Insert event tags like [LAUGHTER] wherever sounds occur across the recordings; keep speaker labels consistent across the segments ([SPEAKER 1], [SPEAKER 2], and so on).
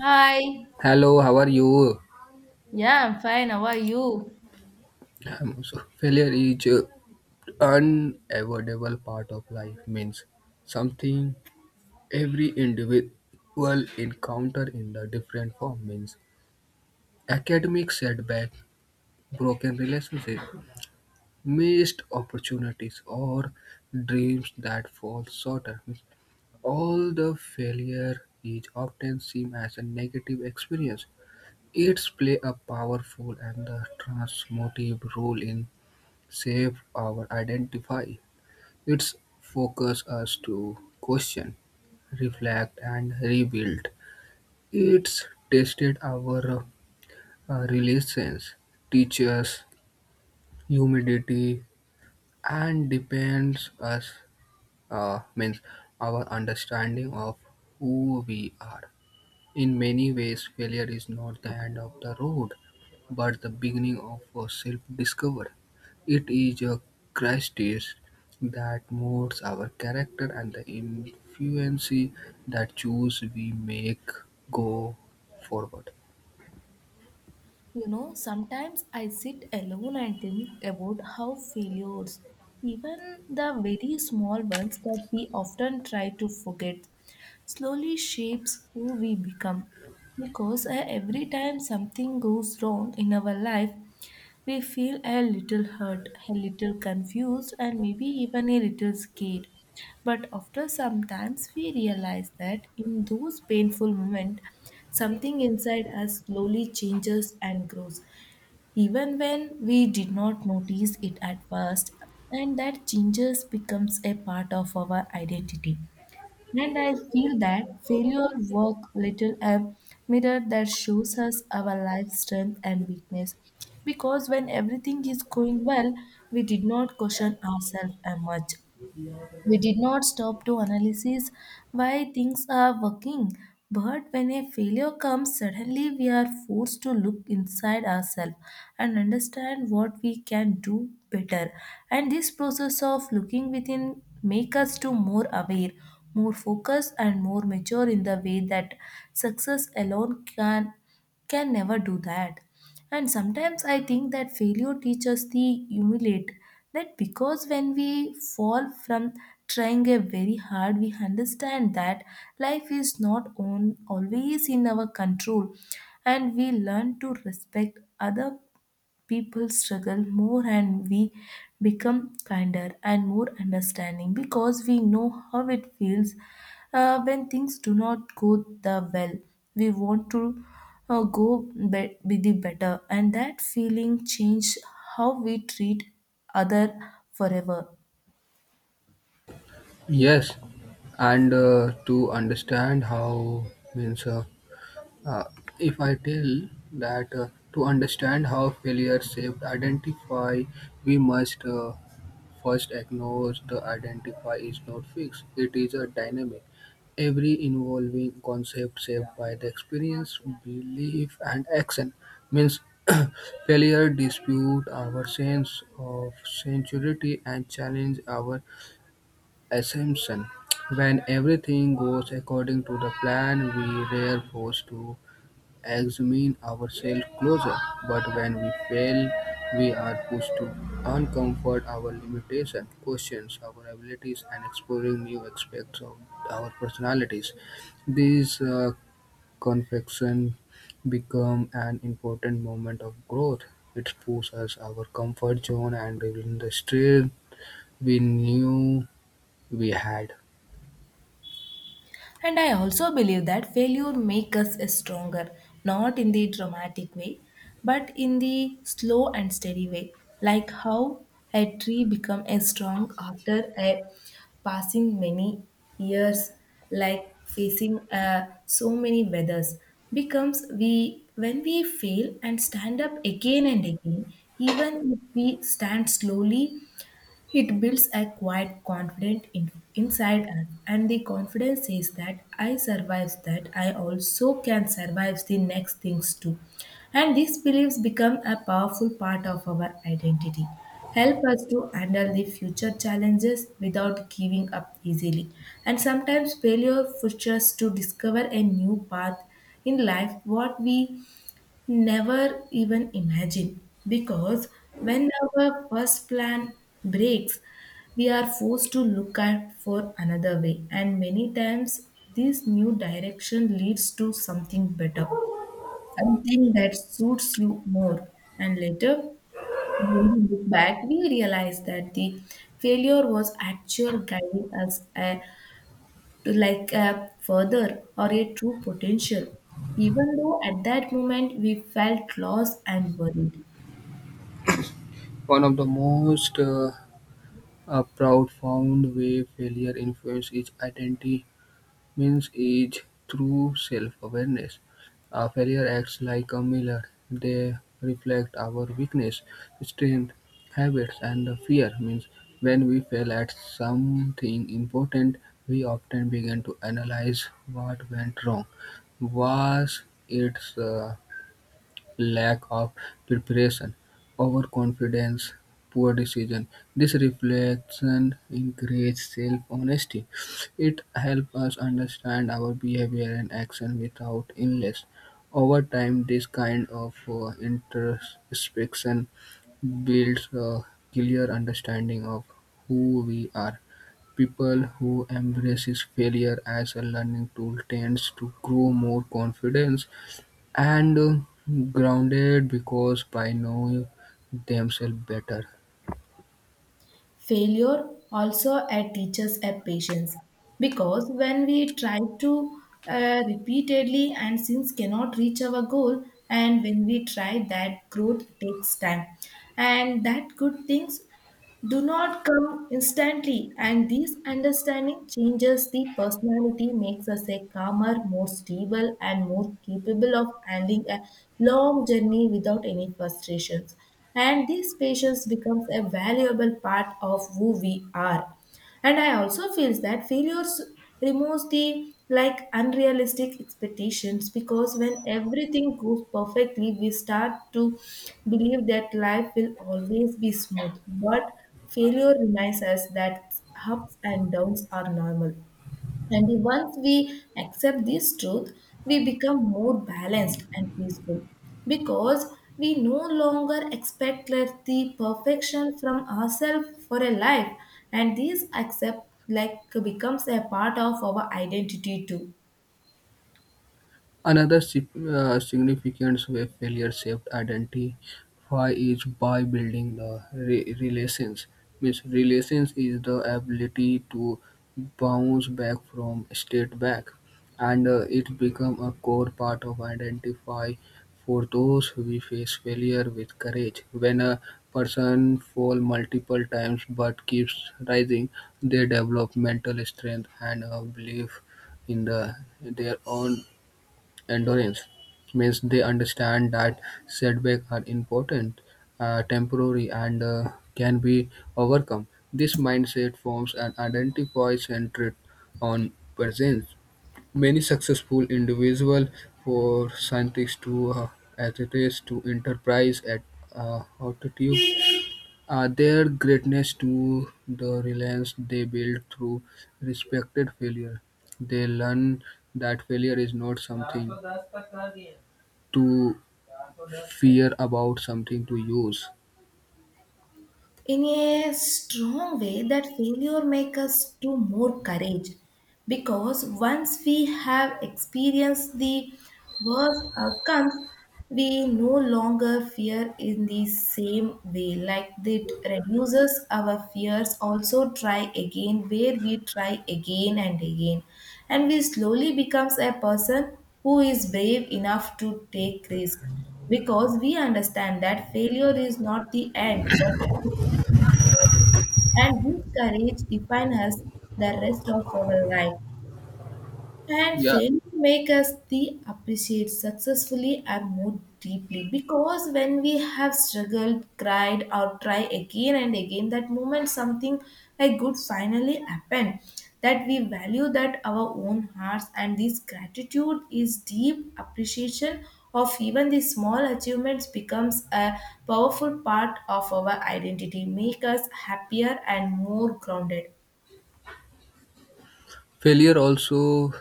[SPEAKER 1] Hi.
[SPEAKER 2] Hello, how are you?
[SPEAKER 1] Yeah, I'm fine. How are you?
[SPEAKER 2] I'm also failure is a unavoidable part of life means something every individual encounter in the different form means academic setback, broken relationship, missed opportunities or dreams that fall short. Means All the failure is often seen as a negative experience. It's play a powerful and the transformative role in shape our identity. Its focus us to question, reflect, and rebuild. It's tested our relations, teaches humility, and depends us means our understanding of who we are. In many ways, failure is not the end of the road, but the beginning of a self discovery. It is a crisis that molds our character and the influence that choose we make go forward.
[SPEAKER 1] Sometimes I sit alone and think about how failures, even the very small ones that we often try to forget, slowly shapes who we become. Because every time something goes wrong in our life, we feel a little hurt, a little confused, and maybe even a little scared. But after some times, we realize that in those painful moments, something inside us slowly changes and grows, even when we did not notice it at first, and that changes becomes a part of our identity. And I feel that failure work little a mirror that shows us our life strength and weakness. Because when everything is going well, we did not question ourselves much. We did not stop to analyze why things are working, but when a failure comes, suddenly we are forced to look inside ourselves and understand what we can do better. And this process of looking within make us to more aware, more focused and more mature in the way that success alone can never do that. And sometimes I think that failure teaches the humiliate that because when we fall from trying a very hard, we understand that life is not on, always in our control, and we learn to respect other people struggle more and we become kinder and more understanding because we know how it feels when things do not go the well we want to go be the better, and that feeling change how we treat other forever.
[SPEAKER 2] Yes, and to understand how means uh, if I tell that to understand how failure shaped identify, we must. First acknowledge the identifier is not fixed, it is a dynamic, every involving concept shaped by the experience, belief, and action. Means [COUGHS] [CLEARS THROAT] failure dispute our sense of sincerity and challenge our assumption. When everything goes according to the plan, we are forced to examine ourselves closer, but when we fail, we are pushed to uncomfort our limitations, questions our abilities, and exploring new aspects of our personalities. These confections become an important moment of growth. It pushes us our comfort zone and revealing the strength we knew we had.
[SPEAKER 1] And I also believe that failure makes us stronger, not in the dramatic way, but in the slow and steady way, like how a tree becomes strong after a passing many years, like facing so many weathers, becomes we when we fail and stand up again and again, even if we stand slowly, it builds a quiet confidence inside us, and the confidence is that I survive that, I also can survive the next things too. And these beliefs become a powerful part of our identity. Help us to handle the future challenges without giving up easily. And sometimes failure pushes us to discover a new path in life what we never even imagine because when our first plan breaks, we are forced to look at for another way, and many times this new direction leads to something better, something that suits you more. And later, when we look back, we realize that the failure was actual guiding us to like a further or a true potential, even though at that moment we felt lost and worried.
[SPEAKER 2] One of the most proud way failure influence is identity means is through self-awareness. Our failure acts like a mirror. They reflect our weakness, strength, habits, and the fear. Means when we fail at something important, we often begin to analyze what went wrong. Was it lack of preparation, overconfidence, poor decision. This reflection encourages self-honesty. It helps us understand our behavior and action without illness. Over time, this kind of introspection builds a clear understanding of who we are. People who embraces failure as a learning tool tends to grow more confident and grounded because by know themselves better.
[SPEAKER 1] Failure also teaches a patience because when we try to repeatedly and since cannot reach our goal, and when we try that growth takes time, and that good things do not come instantly, and this understanding changes the personality, makes us a calmer, more stable, and more capable of handling a long journey without any frustrations. And this patience becomes a valuable part of who we are. And I also feels that failures removes the like unrealistic expectations because when everything goes perfectly, we start to believe that life will always be smooth. But failure reminds us that ups and downs are normal. And once we accept this truth, we become more balanced and peaceful because we no longer expect like the perfection from ourselves for a life, and this accept like becomes a part of our identity too.
[SPEAKER 2] Another significant way failure shaped identity why is by building the relations. Means relations is the ability to bounce back from state back, and it become a core part of identify for those who face failure with courage. When a person fall multiple times but keeps rising, they develop mental strength and a belief in the their own endurance means they understand that setbacks are important, temporary, and can be overcome. This mindset forms an identity centered on presence. Many successful individuals, for scientists to athletes to enterprise at altitude, their greatness to the reliance they build through respected failure. They learn that failure is not something to fear about something to use.
[SPEAKER 1] In a strong way that failure make us to more courage because once we have experienced the worst outcomes, we no longer fear in the same way, like it reduces our fears, also try again where we try again and again, and we slowly becomes a person who is brave enough to take risk because we understand that failure is not the end but, and this courage defines us the rest of our life. And
[SPEAKER 2] Yeah.
[SPEAKER 1] failure make us the appreciate successfully and more deeply because when we have struggled, cried, or try again and again, that moment something like good finally happened. That we value that our own hearts, and this gratitude is deep appreciation of even the small achievements becomes a powerful part of our identity, make us happier and more grounded.
[SPEAKER 2] Failure also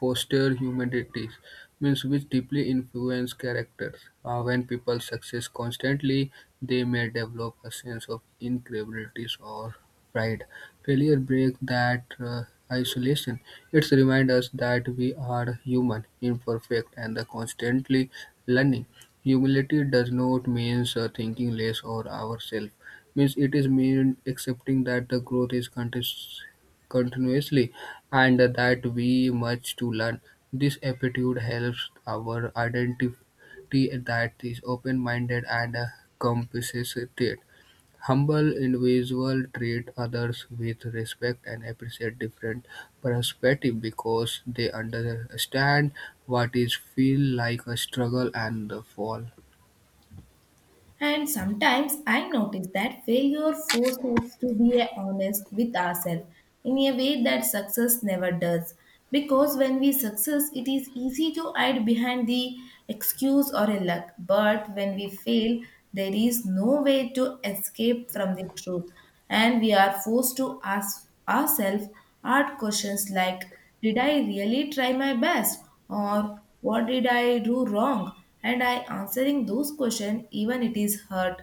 [SPEAKER 2] fosters humanities, means which deeply influence characters. When people success constantly, they may develop a sense of incapability or pride. Failure breaks that isolation. It reminds us that we are human, imperfect, and the constantly learning. Humility does not mean thinking less of ourselves. Means it is mean accepting that the growth is continuous continuously and that we much to learn. This aptitude helps our identity that is open-minded and compassionate. Humble individuals treat others with respect and appreciate different perspectives because they understand what is feel like a struggle and the fall.
[SPEAKER 1] And sometimes I notice that failure forces us to be honest with ourselves in a way that success never does. Because when we success, it is easy to hide behind the excuse or a luck. But when we fail, there is no way to escape from the truth. And we are forced to ask ourselves hard questions like, did I really try my best? Or what did I do wrong? And I answering those questions, even it is hurt,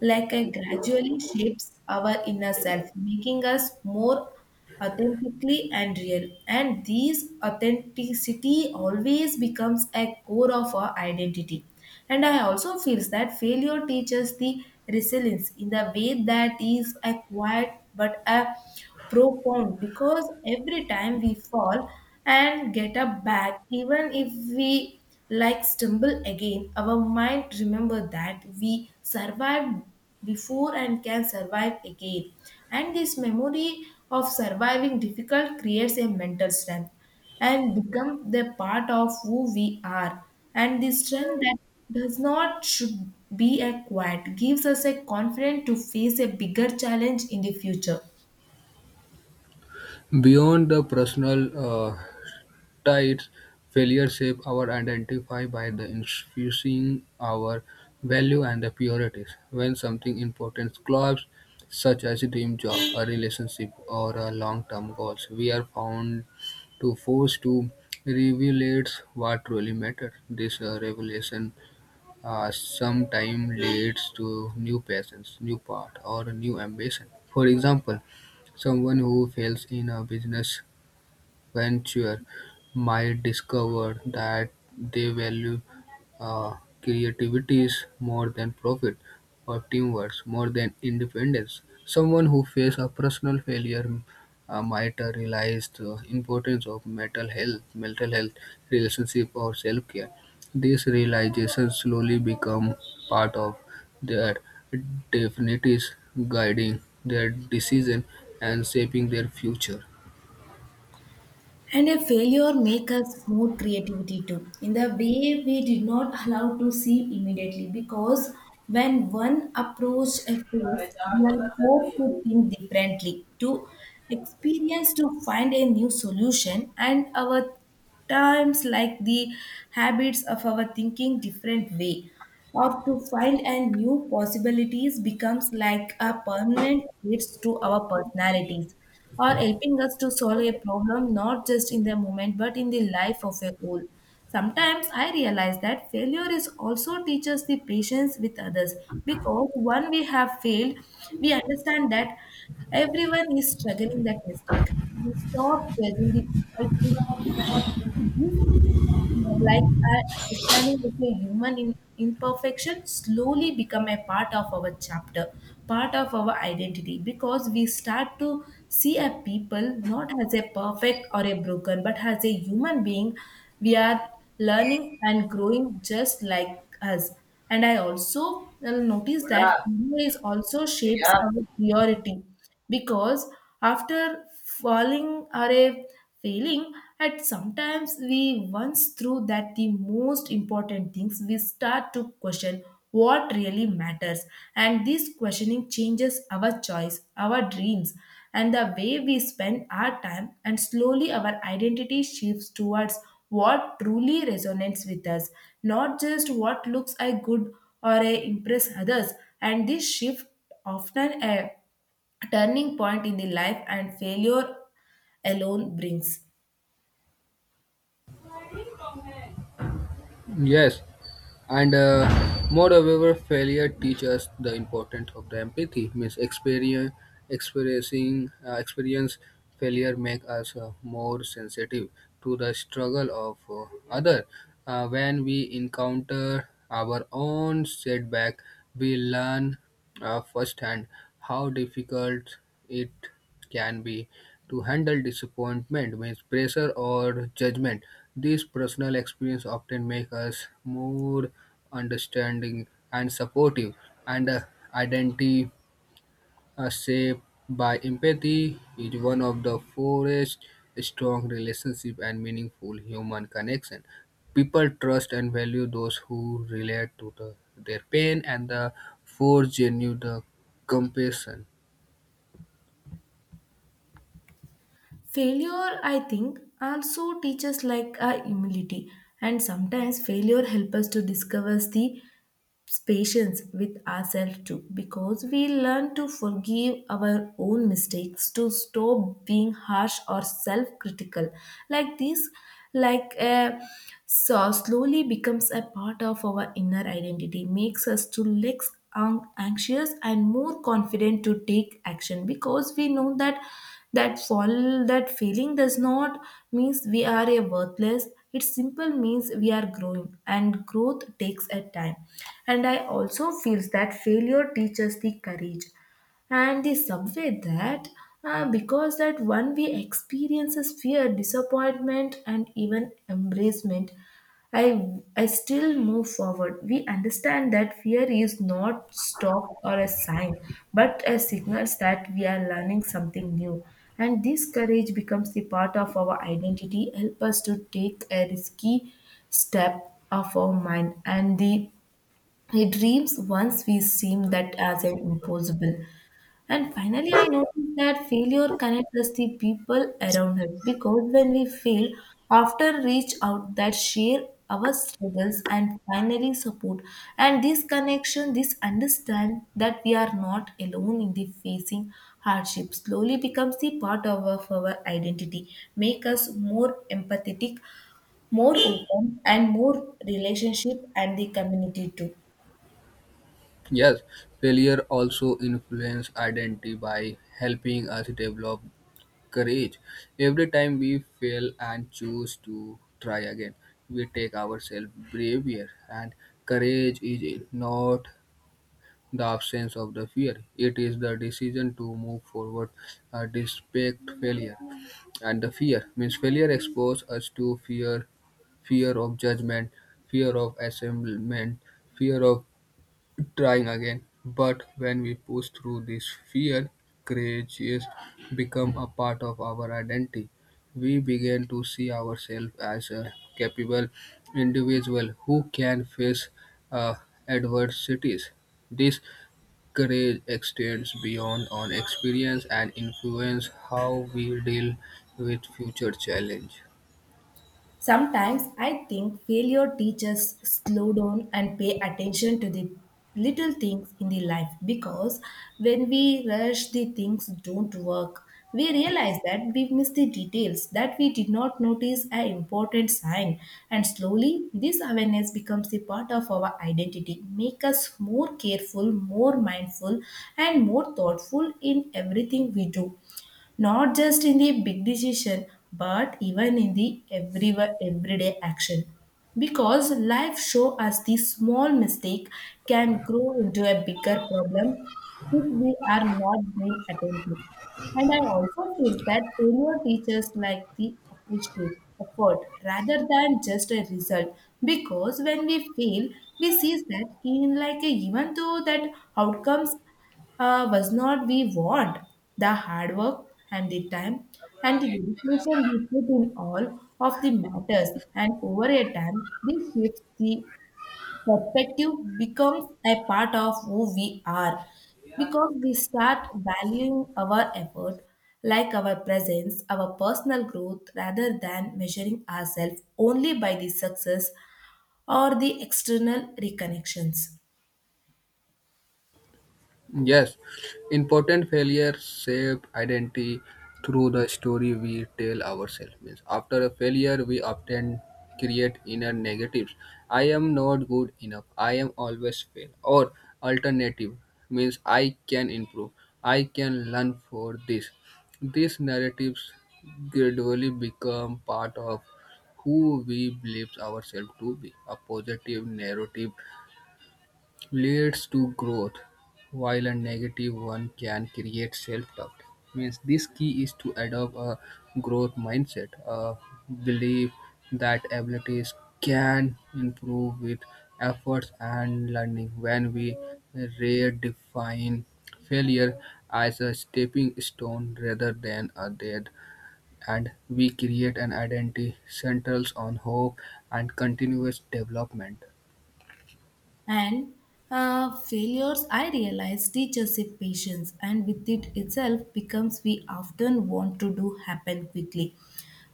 [SPEAKER 1] like it gradually shapes our inner self, making us more authentically and real. And these authenticity always becomes a core of our identity. And I also feels that failure teaches the resilience in the way that is a quiet but a profound because every time we fall and get up back, even if we like stumble again, our mind remember that we survived before and can survive again, and this memory of surviving difficult creates a mental strength and become the part of who we are. And the strength that does not should be acquired gives us a confidence to face a bigger challenge in the future.
[SPEAKER 2] Beyond the personal tides failure shape our identity by the infusing our value and the priorities. When something important collapses, such as a dream job, a relationship, or a long-term goals, we are found to force to revelate what truly matters. This revelation sometimes leads to new passions, new path, or new ambition. For example, someone who fails in a business venture might discover that they value uh, creativities more than profit or teamwork more than independence. Someone who faces a personal failure might realize the importance of mental health, relationship, or self-care. These realizations slowly become part of their definities, guiding their decision and shaping their future.
[SPEAKER 1] And a failure make us more creativity too, in the way we did not allow to see immediately. Because when one approach a phase, we are forced to think differently, to experience, to find a new solution, and our times like the habits of our thinking different way or to find and new possibilities becomes like a permanent traits to our personalities or helping us to solve a problem not just in the moment but in the life of a whole. Sometimes I realize that failure is also teaches the patience with others because when we have failed, we understand that everyone is struggling that mistake, we stop judging the people too. This, like our understanding of a human imperfection, slowly become a part of our chapter, part of our identity, because we start to see a people not as a perfect or a broken, but as a human being. We are learning and growing just like us. And I also notice that fear is also shapes our priority because after falling or a failing at sometimes we once through that the most important things, we start to question what really matters, and this questioning changes our choice, our dreams, and the way we spend our time, and slowly our identity shifts towards what truly resonates with us, not just what looks a good or a impress others, and this shift often a turning point in the life and failure alone brings.
[SPEAKER 2] Yes, and moreover, failure teaches the importance of the empathy. Means experience failure make us more sensitive to the struggle of other. When we encounter our own setback, we learn firsthand how difficult it can be to handle disappointment, means pressure or judgment. These personal experience often make us more understanding and supportive and shaped by empathy is one of the forest strong relationship and meaningful human connection people trust and value those who relate to the, their pain and the for genuine the compassion.
[SPEAKER 1] Failure, I think, also teaches like a humility. And sometimes failure helps us to discover the patience with ourselves too because we learn to forgive our own mistakes, to stop being harsh or self-critical. Like this, like so slowly becomes a part of our inner identity, makes us to less anxious and more confident to take action because we know that that failing does not means we are a worthless, it simple means we are growing, and growth takes a time. And I also feels that failure teaches the courage and the subway that, because that one we experiences fear, disappointment, and even embracement, i I still move forward. We understand that fear is not stop or a sign, but a signals that we are learning something new, and this courage becomes the part of our identity, help us to take a risky step of our mind and the dreams once we seem that as an impossible. And finally, I noticed that failure connects us the people around us because when we fail, often reach out that share our struggles and finally support. And this connection, this understand that we are not alone in the facing hardship slowly becomes the part of our identity, make us more empathetic, more open, and more relationship and the community too.
[SPEAKER 2] Yes, failure also influence identity by helping us develop courage every time we fail and choose to try again we take ourselves braver and courage is not the absence of the fear. It is the decision to move forward despite failure. And the fear means failure exposes us to fear, fear of judgment, fear of assemblement, fear of trying again. But when we push through this fear, courageous become a part of our identity. We begin to see ourselves as a capable individual who can face uh, adversities. This courage extends beyond on experience and influence how we deal with future challenge.
[SPEAKER 1] Sometimes I think failure teaches slow down and pay attention to the little things in the life because when we rush the things don't work, we realize that we miss the details that we did not notice an important sign, and slowly this awareness becomes a part of our identity, make us more careful, more mindful, and more thoughtful in everything we do, not just in the big decision but even in the everyday action, because life show us the small mistake can grow into a bigger problem if we are not being attentive. And I also feel that failure teaches like the appreciate effort rather than just a result. Because when we fail, we see that in like a, even though that outcomes was not we want, the hard work and the time and the dedication we put in all of the matters, and over a time this shift the perspective becomes a part of who we are, because we start valuing our effort like our presence, our personal growth, rather than measuring ourselves only by the success or the external reconnections.
[SPEAKER 2] Yes, important failures shape identity through the story we tell ourselves. Means after a failure, we often create inner negatives. I am not good enough. I am always fail. Or alternative means I can improve. I can learn for this. These narratives gradually become part of who we believe ourselves to be. A positive narrative leads to growth, while a negative one can create self-doubt. Means this key is to adopt a growth mindset, a belief that abilities can improve with efforts and learning. When we redefine failure as a stepping stone rather than a dead and we create an identity centers on hope and continuous development.
[SPEAKER 1] And failures, I realize, teach us a patience, and with it itself becomes we often want to do happen quickly.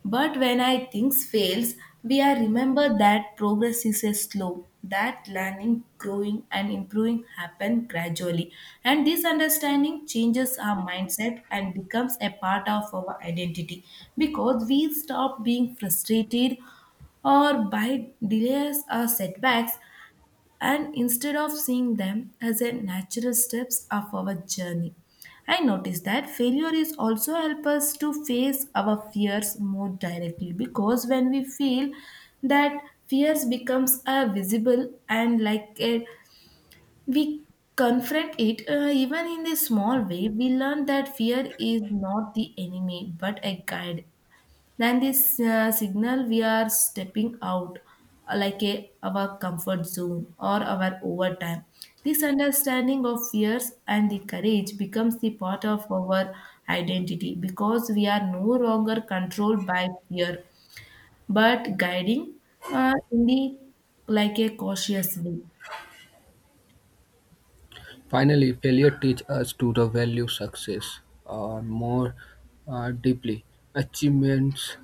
[SPEAKER 1] But when I things fails, we are remember that progress is a slow, that learning, growing and improving happen gradually. And this understanding changes our mindset and becomes a part of our identity, because we stop being frustrated or by delays or setbacks, and instead of seeing them as a natural steps of our journey. I noticed that failure is also help us to face our fears more directly, because when we feel that fears becomes a visible and like a, we confront it even in a small way. We learn that fear is not the enemy but a guide, then this signal we are stepping out like a, our comfort zone or our overtime. This understanding of fears and the courage becomes the part of our identity, because we are no longer controlled by fear but guiding in the like a cautious way.
[SPEAKER 2] Finally, failure teaches us to the value success more deeply. Achievements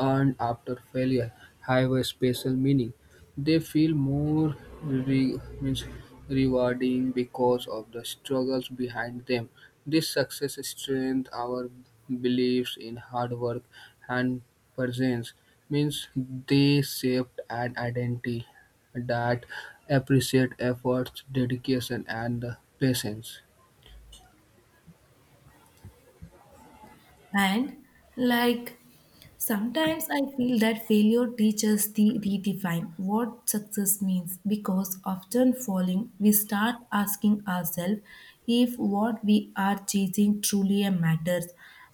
[SPEAKER 2] earned after failure have a special meaning. They feel more means rewarding because of the struggles behind them. This success strengthens our beliefs in hard work and presence. Means they shaped an identity that appreciate efforts, dedication, and patience.
[SPEAKER 1] And like sometimes I feel that failure teaches the redefine what success means, because often falling, we start asking ourselves if what we are chasing truly matters.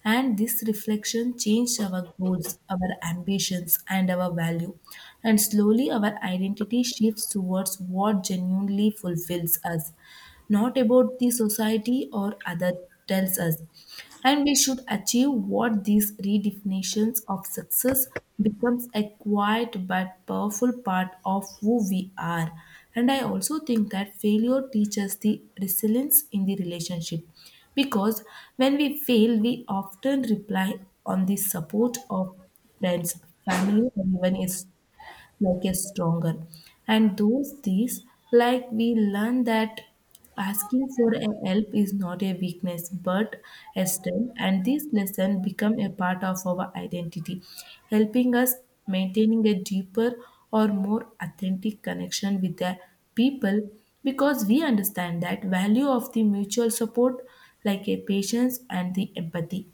[SPEAKER 1] And this reflection changed our goals, our ambitions, and our value. And slowly our identity shifts towards what genuinely fulfills us, not about the society or other tells us and we should achieve what these redefinitions of success becomes a quiet but powerful part of who we are. And I also think that failure teaches the resilience in the relationship, because when we fail we often rely on the support of friends, family, and even a like a stronger. And those these, like we learn that asking for a help is not a weakness but a strength, and this lesson become a part of our identity, helping us maintaining a deeper or more authentic connection with the people, because we understand that value of the mutual support like a patience and the empathy.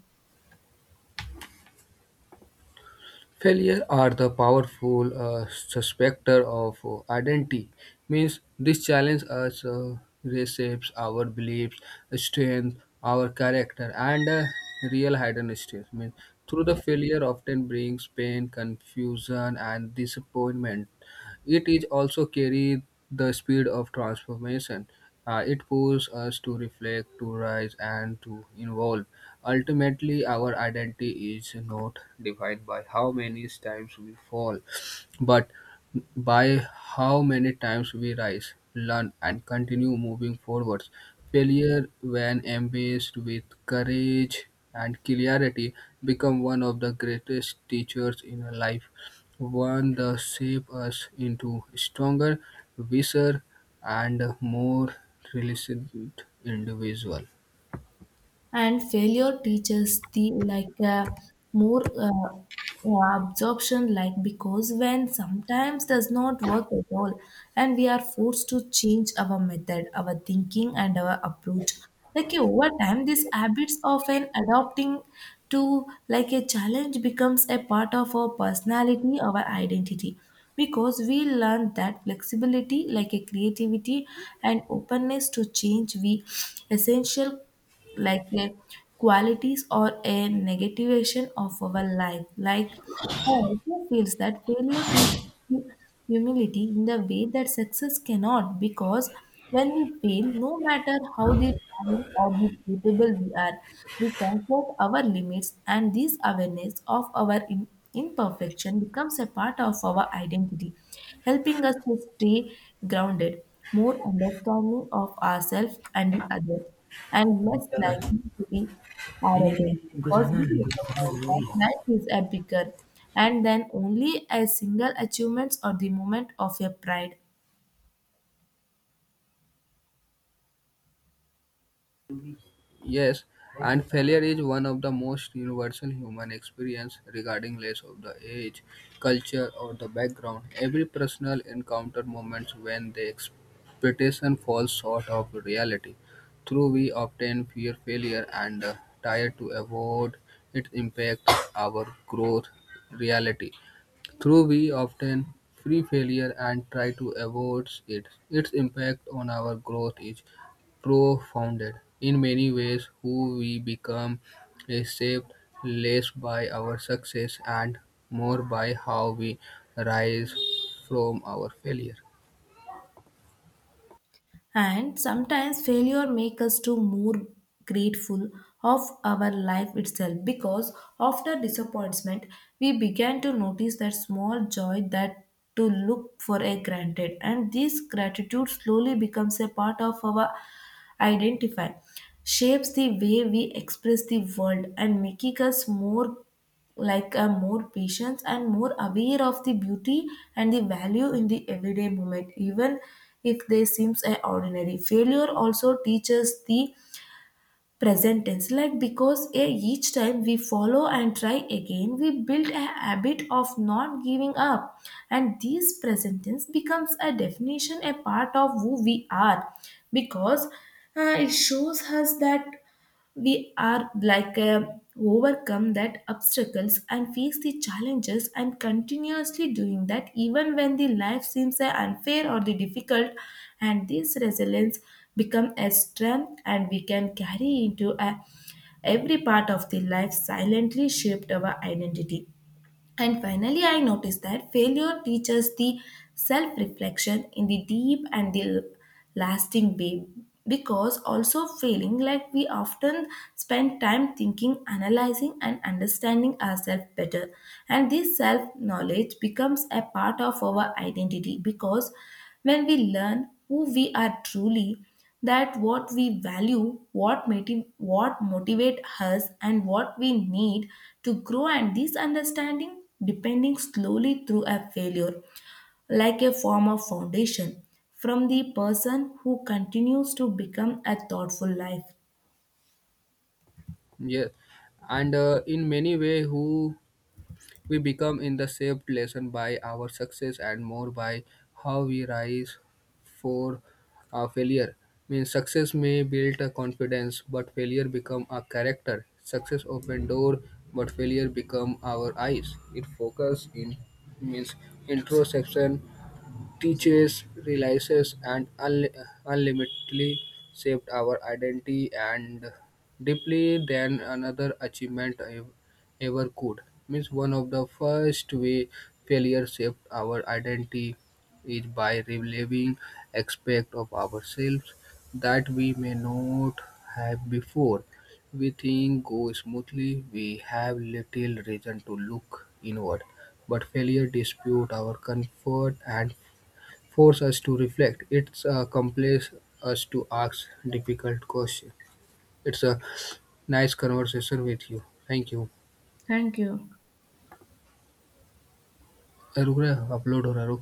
[SPEAKER 2] Failure are the powerful suspector of identity. Means this challenge us reshapes our beliefs, strength, our character, and real hidden strength. Means through the failure often brings pain, confusion, and disappointment. It is also carry the speed of transformation. It pushes us to reflect, to rise, and to evolve. Ultimately, our identity is not defined by how many times we fall, but by how many times we rise, learn, and continue moving forwards. Failure, when embraced with courage and clarity, become one of the greatest teachers in our life, one that shapes us into stronger, wiser, and more resilient individual.
[SPEAKER 1] And failure teaches the like more absorption, like because when sometimes does not work at all, and we are forced to change our method, our thinking and our approach, like over time these habits often adopting to like a challenge becomes a part of our personality, our identity, because we learn that flexibility like a creativity and openness to change we essential like a qualities or a negativation of our life. Like I also feels that failure teaches humility in the way that success cannot, because when we fail, no matter how the talent or the capable we are, we confront our limits, and this awareness of our imperfection becomes a part of our identity, helping us to stay grounded, more understanding of ourselves and the other, and less likely to be arrogant, because we recognize that life is a bigger and then only a single achievements or the moment of your pride.
[SPEAKER 2] Yes, and failure is one of the most universal human experience regarding less of the age, culture, or the background. Every personal encounter moments when the expectation falls short of reality. Through we often fear failure and try to avoid its impact our growth reality through we often fear failure and try to avoid it, its impact on our growth is profounded. In many ways, who we become is shaped less by our success and more by how we rise from our failure.
[SPEAKER 1] And sometimes failure makes us to more grateful of our life itself, because after disappointment we began to notice that small joy that to look for a granted, and this gratitude slowly becomes a part of our identify, shapes the way we express the world and making us more like a more patience and more aware of the beauty and the value in the everyday moment, even if they seems a ordinary. Failure also teaches the present tense, like because a, each time we follow and try again we build a habit of not giving up, and this present tense becomes a definition a part of who we are, because it shows us that we are like a overcome that obstacles and face the challenges and continuously doing that even when the life seems unfair or the difficult. And this resilience become a strength and we can carry into a, every part of the life, silently shaped our identity. And finally, I noticed that failure teaches the self reflection in the deep and the lasting way, because also feeling like we often spend time thinking, analyzing, and understanding ourselves better. And this self knowledge becomes a part of our identity, because when we learn who we are truly, that what we value, what motivate us and what we need to grow, and this understanding depending slowly through a failure like a form of foundation from the person who continues to become a thoughtful life.
[SPEAKER 2] Yes, and in many ways, who we become in the shaped lesson by our success and more by how we rise for a failure. Means success may build a confidence, but failure become a character. Success open door, but failure become our eyes. It focus in means introspection teaches, realizes, and unlimitedly shaped our identity and deeply than another achievement ever could. Means one of the first way failure shaped our identity is by revealing aspect of ourselves that we may not have before. We think go smoothly, we have little reason to look inward. But failure dispute our comfort and force us to reflect. It's compels us to ask difficult questions. It's a nice conversation with you. Thank you.
[SPEAKER 1] Thank you.
[SPEAKER 2] Aruk, upload or Aruk?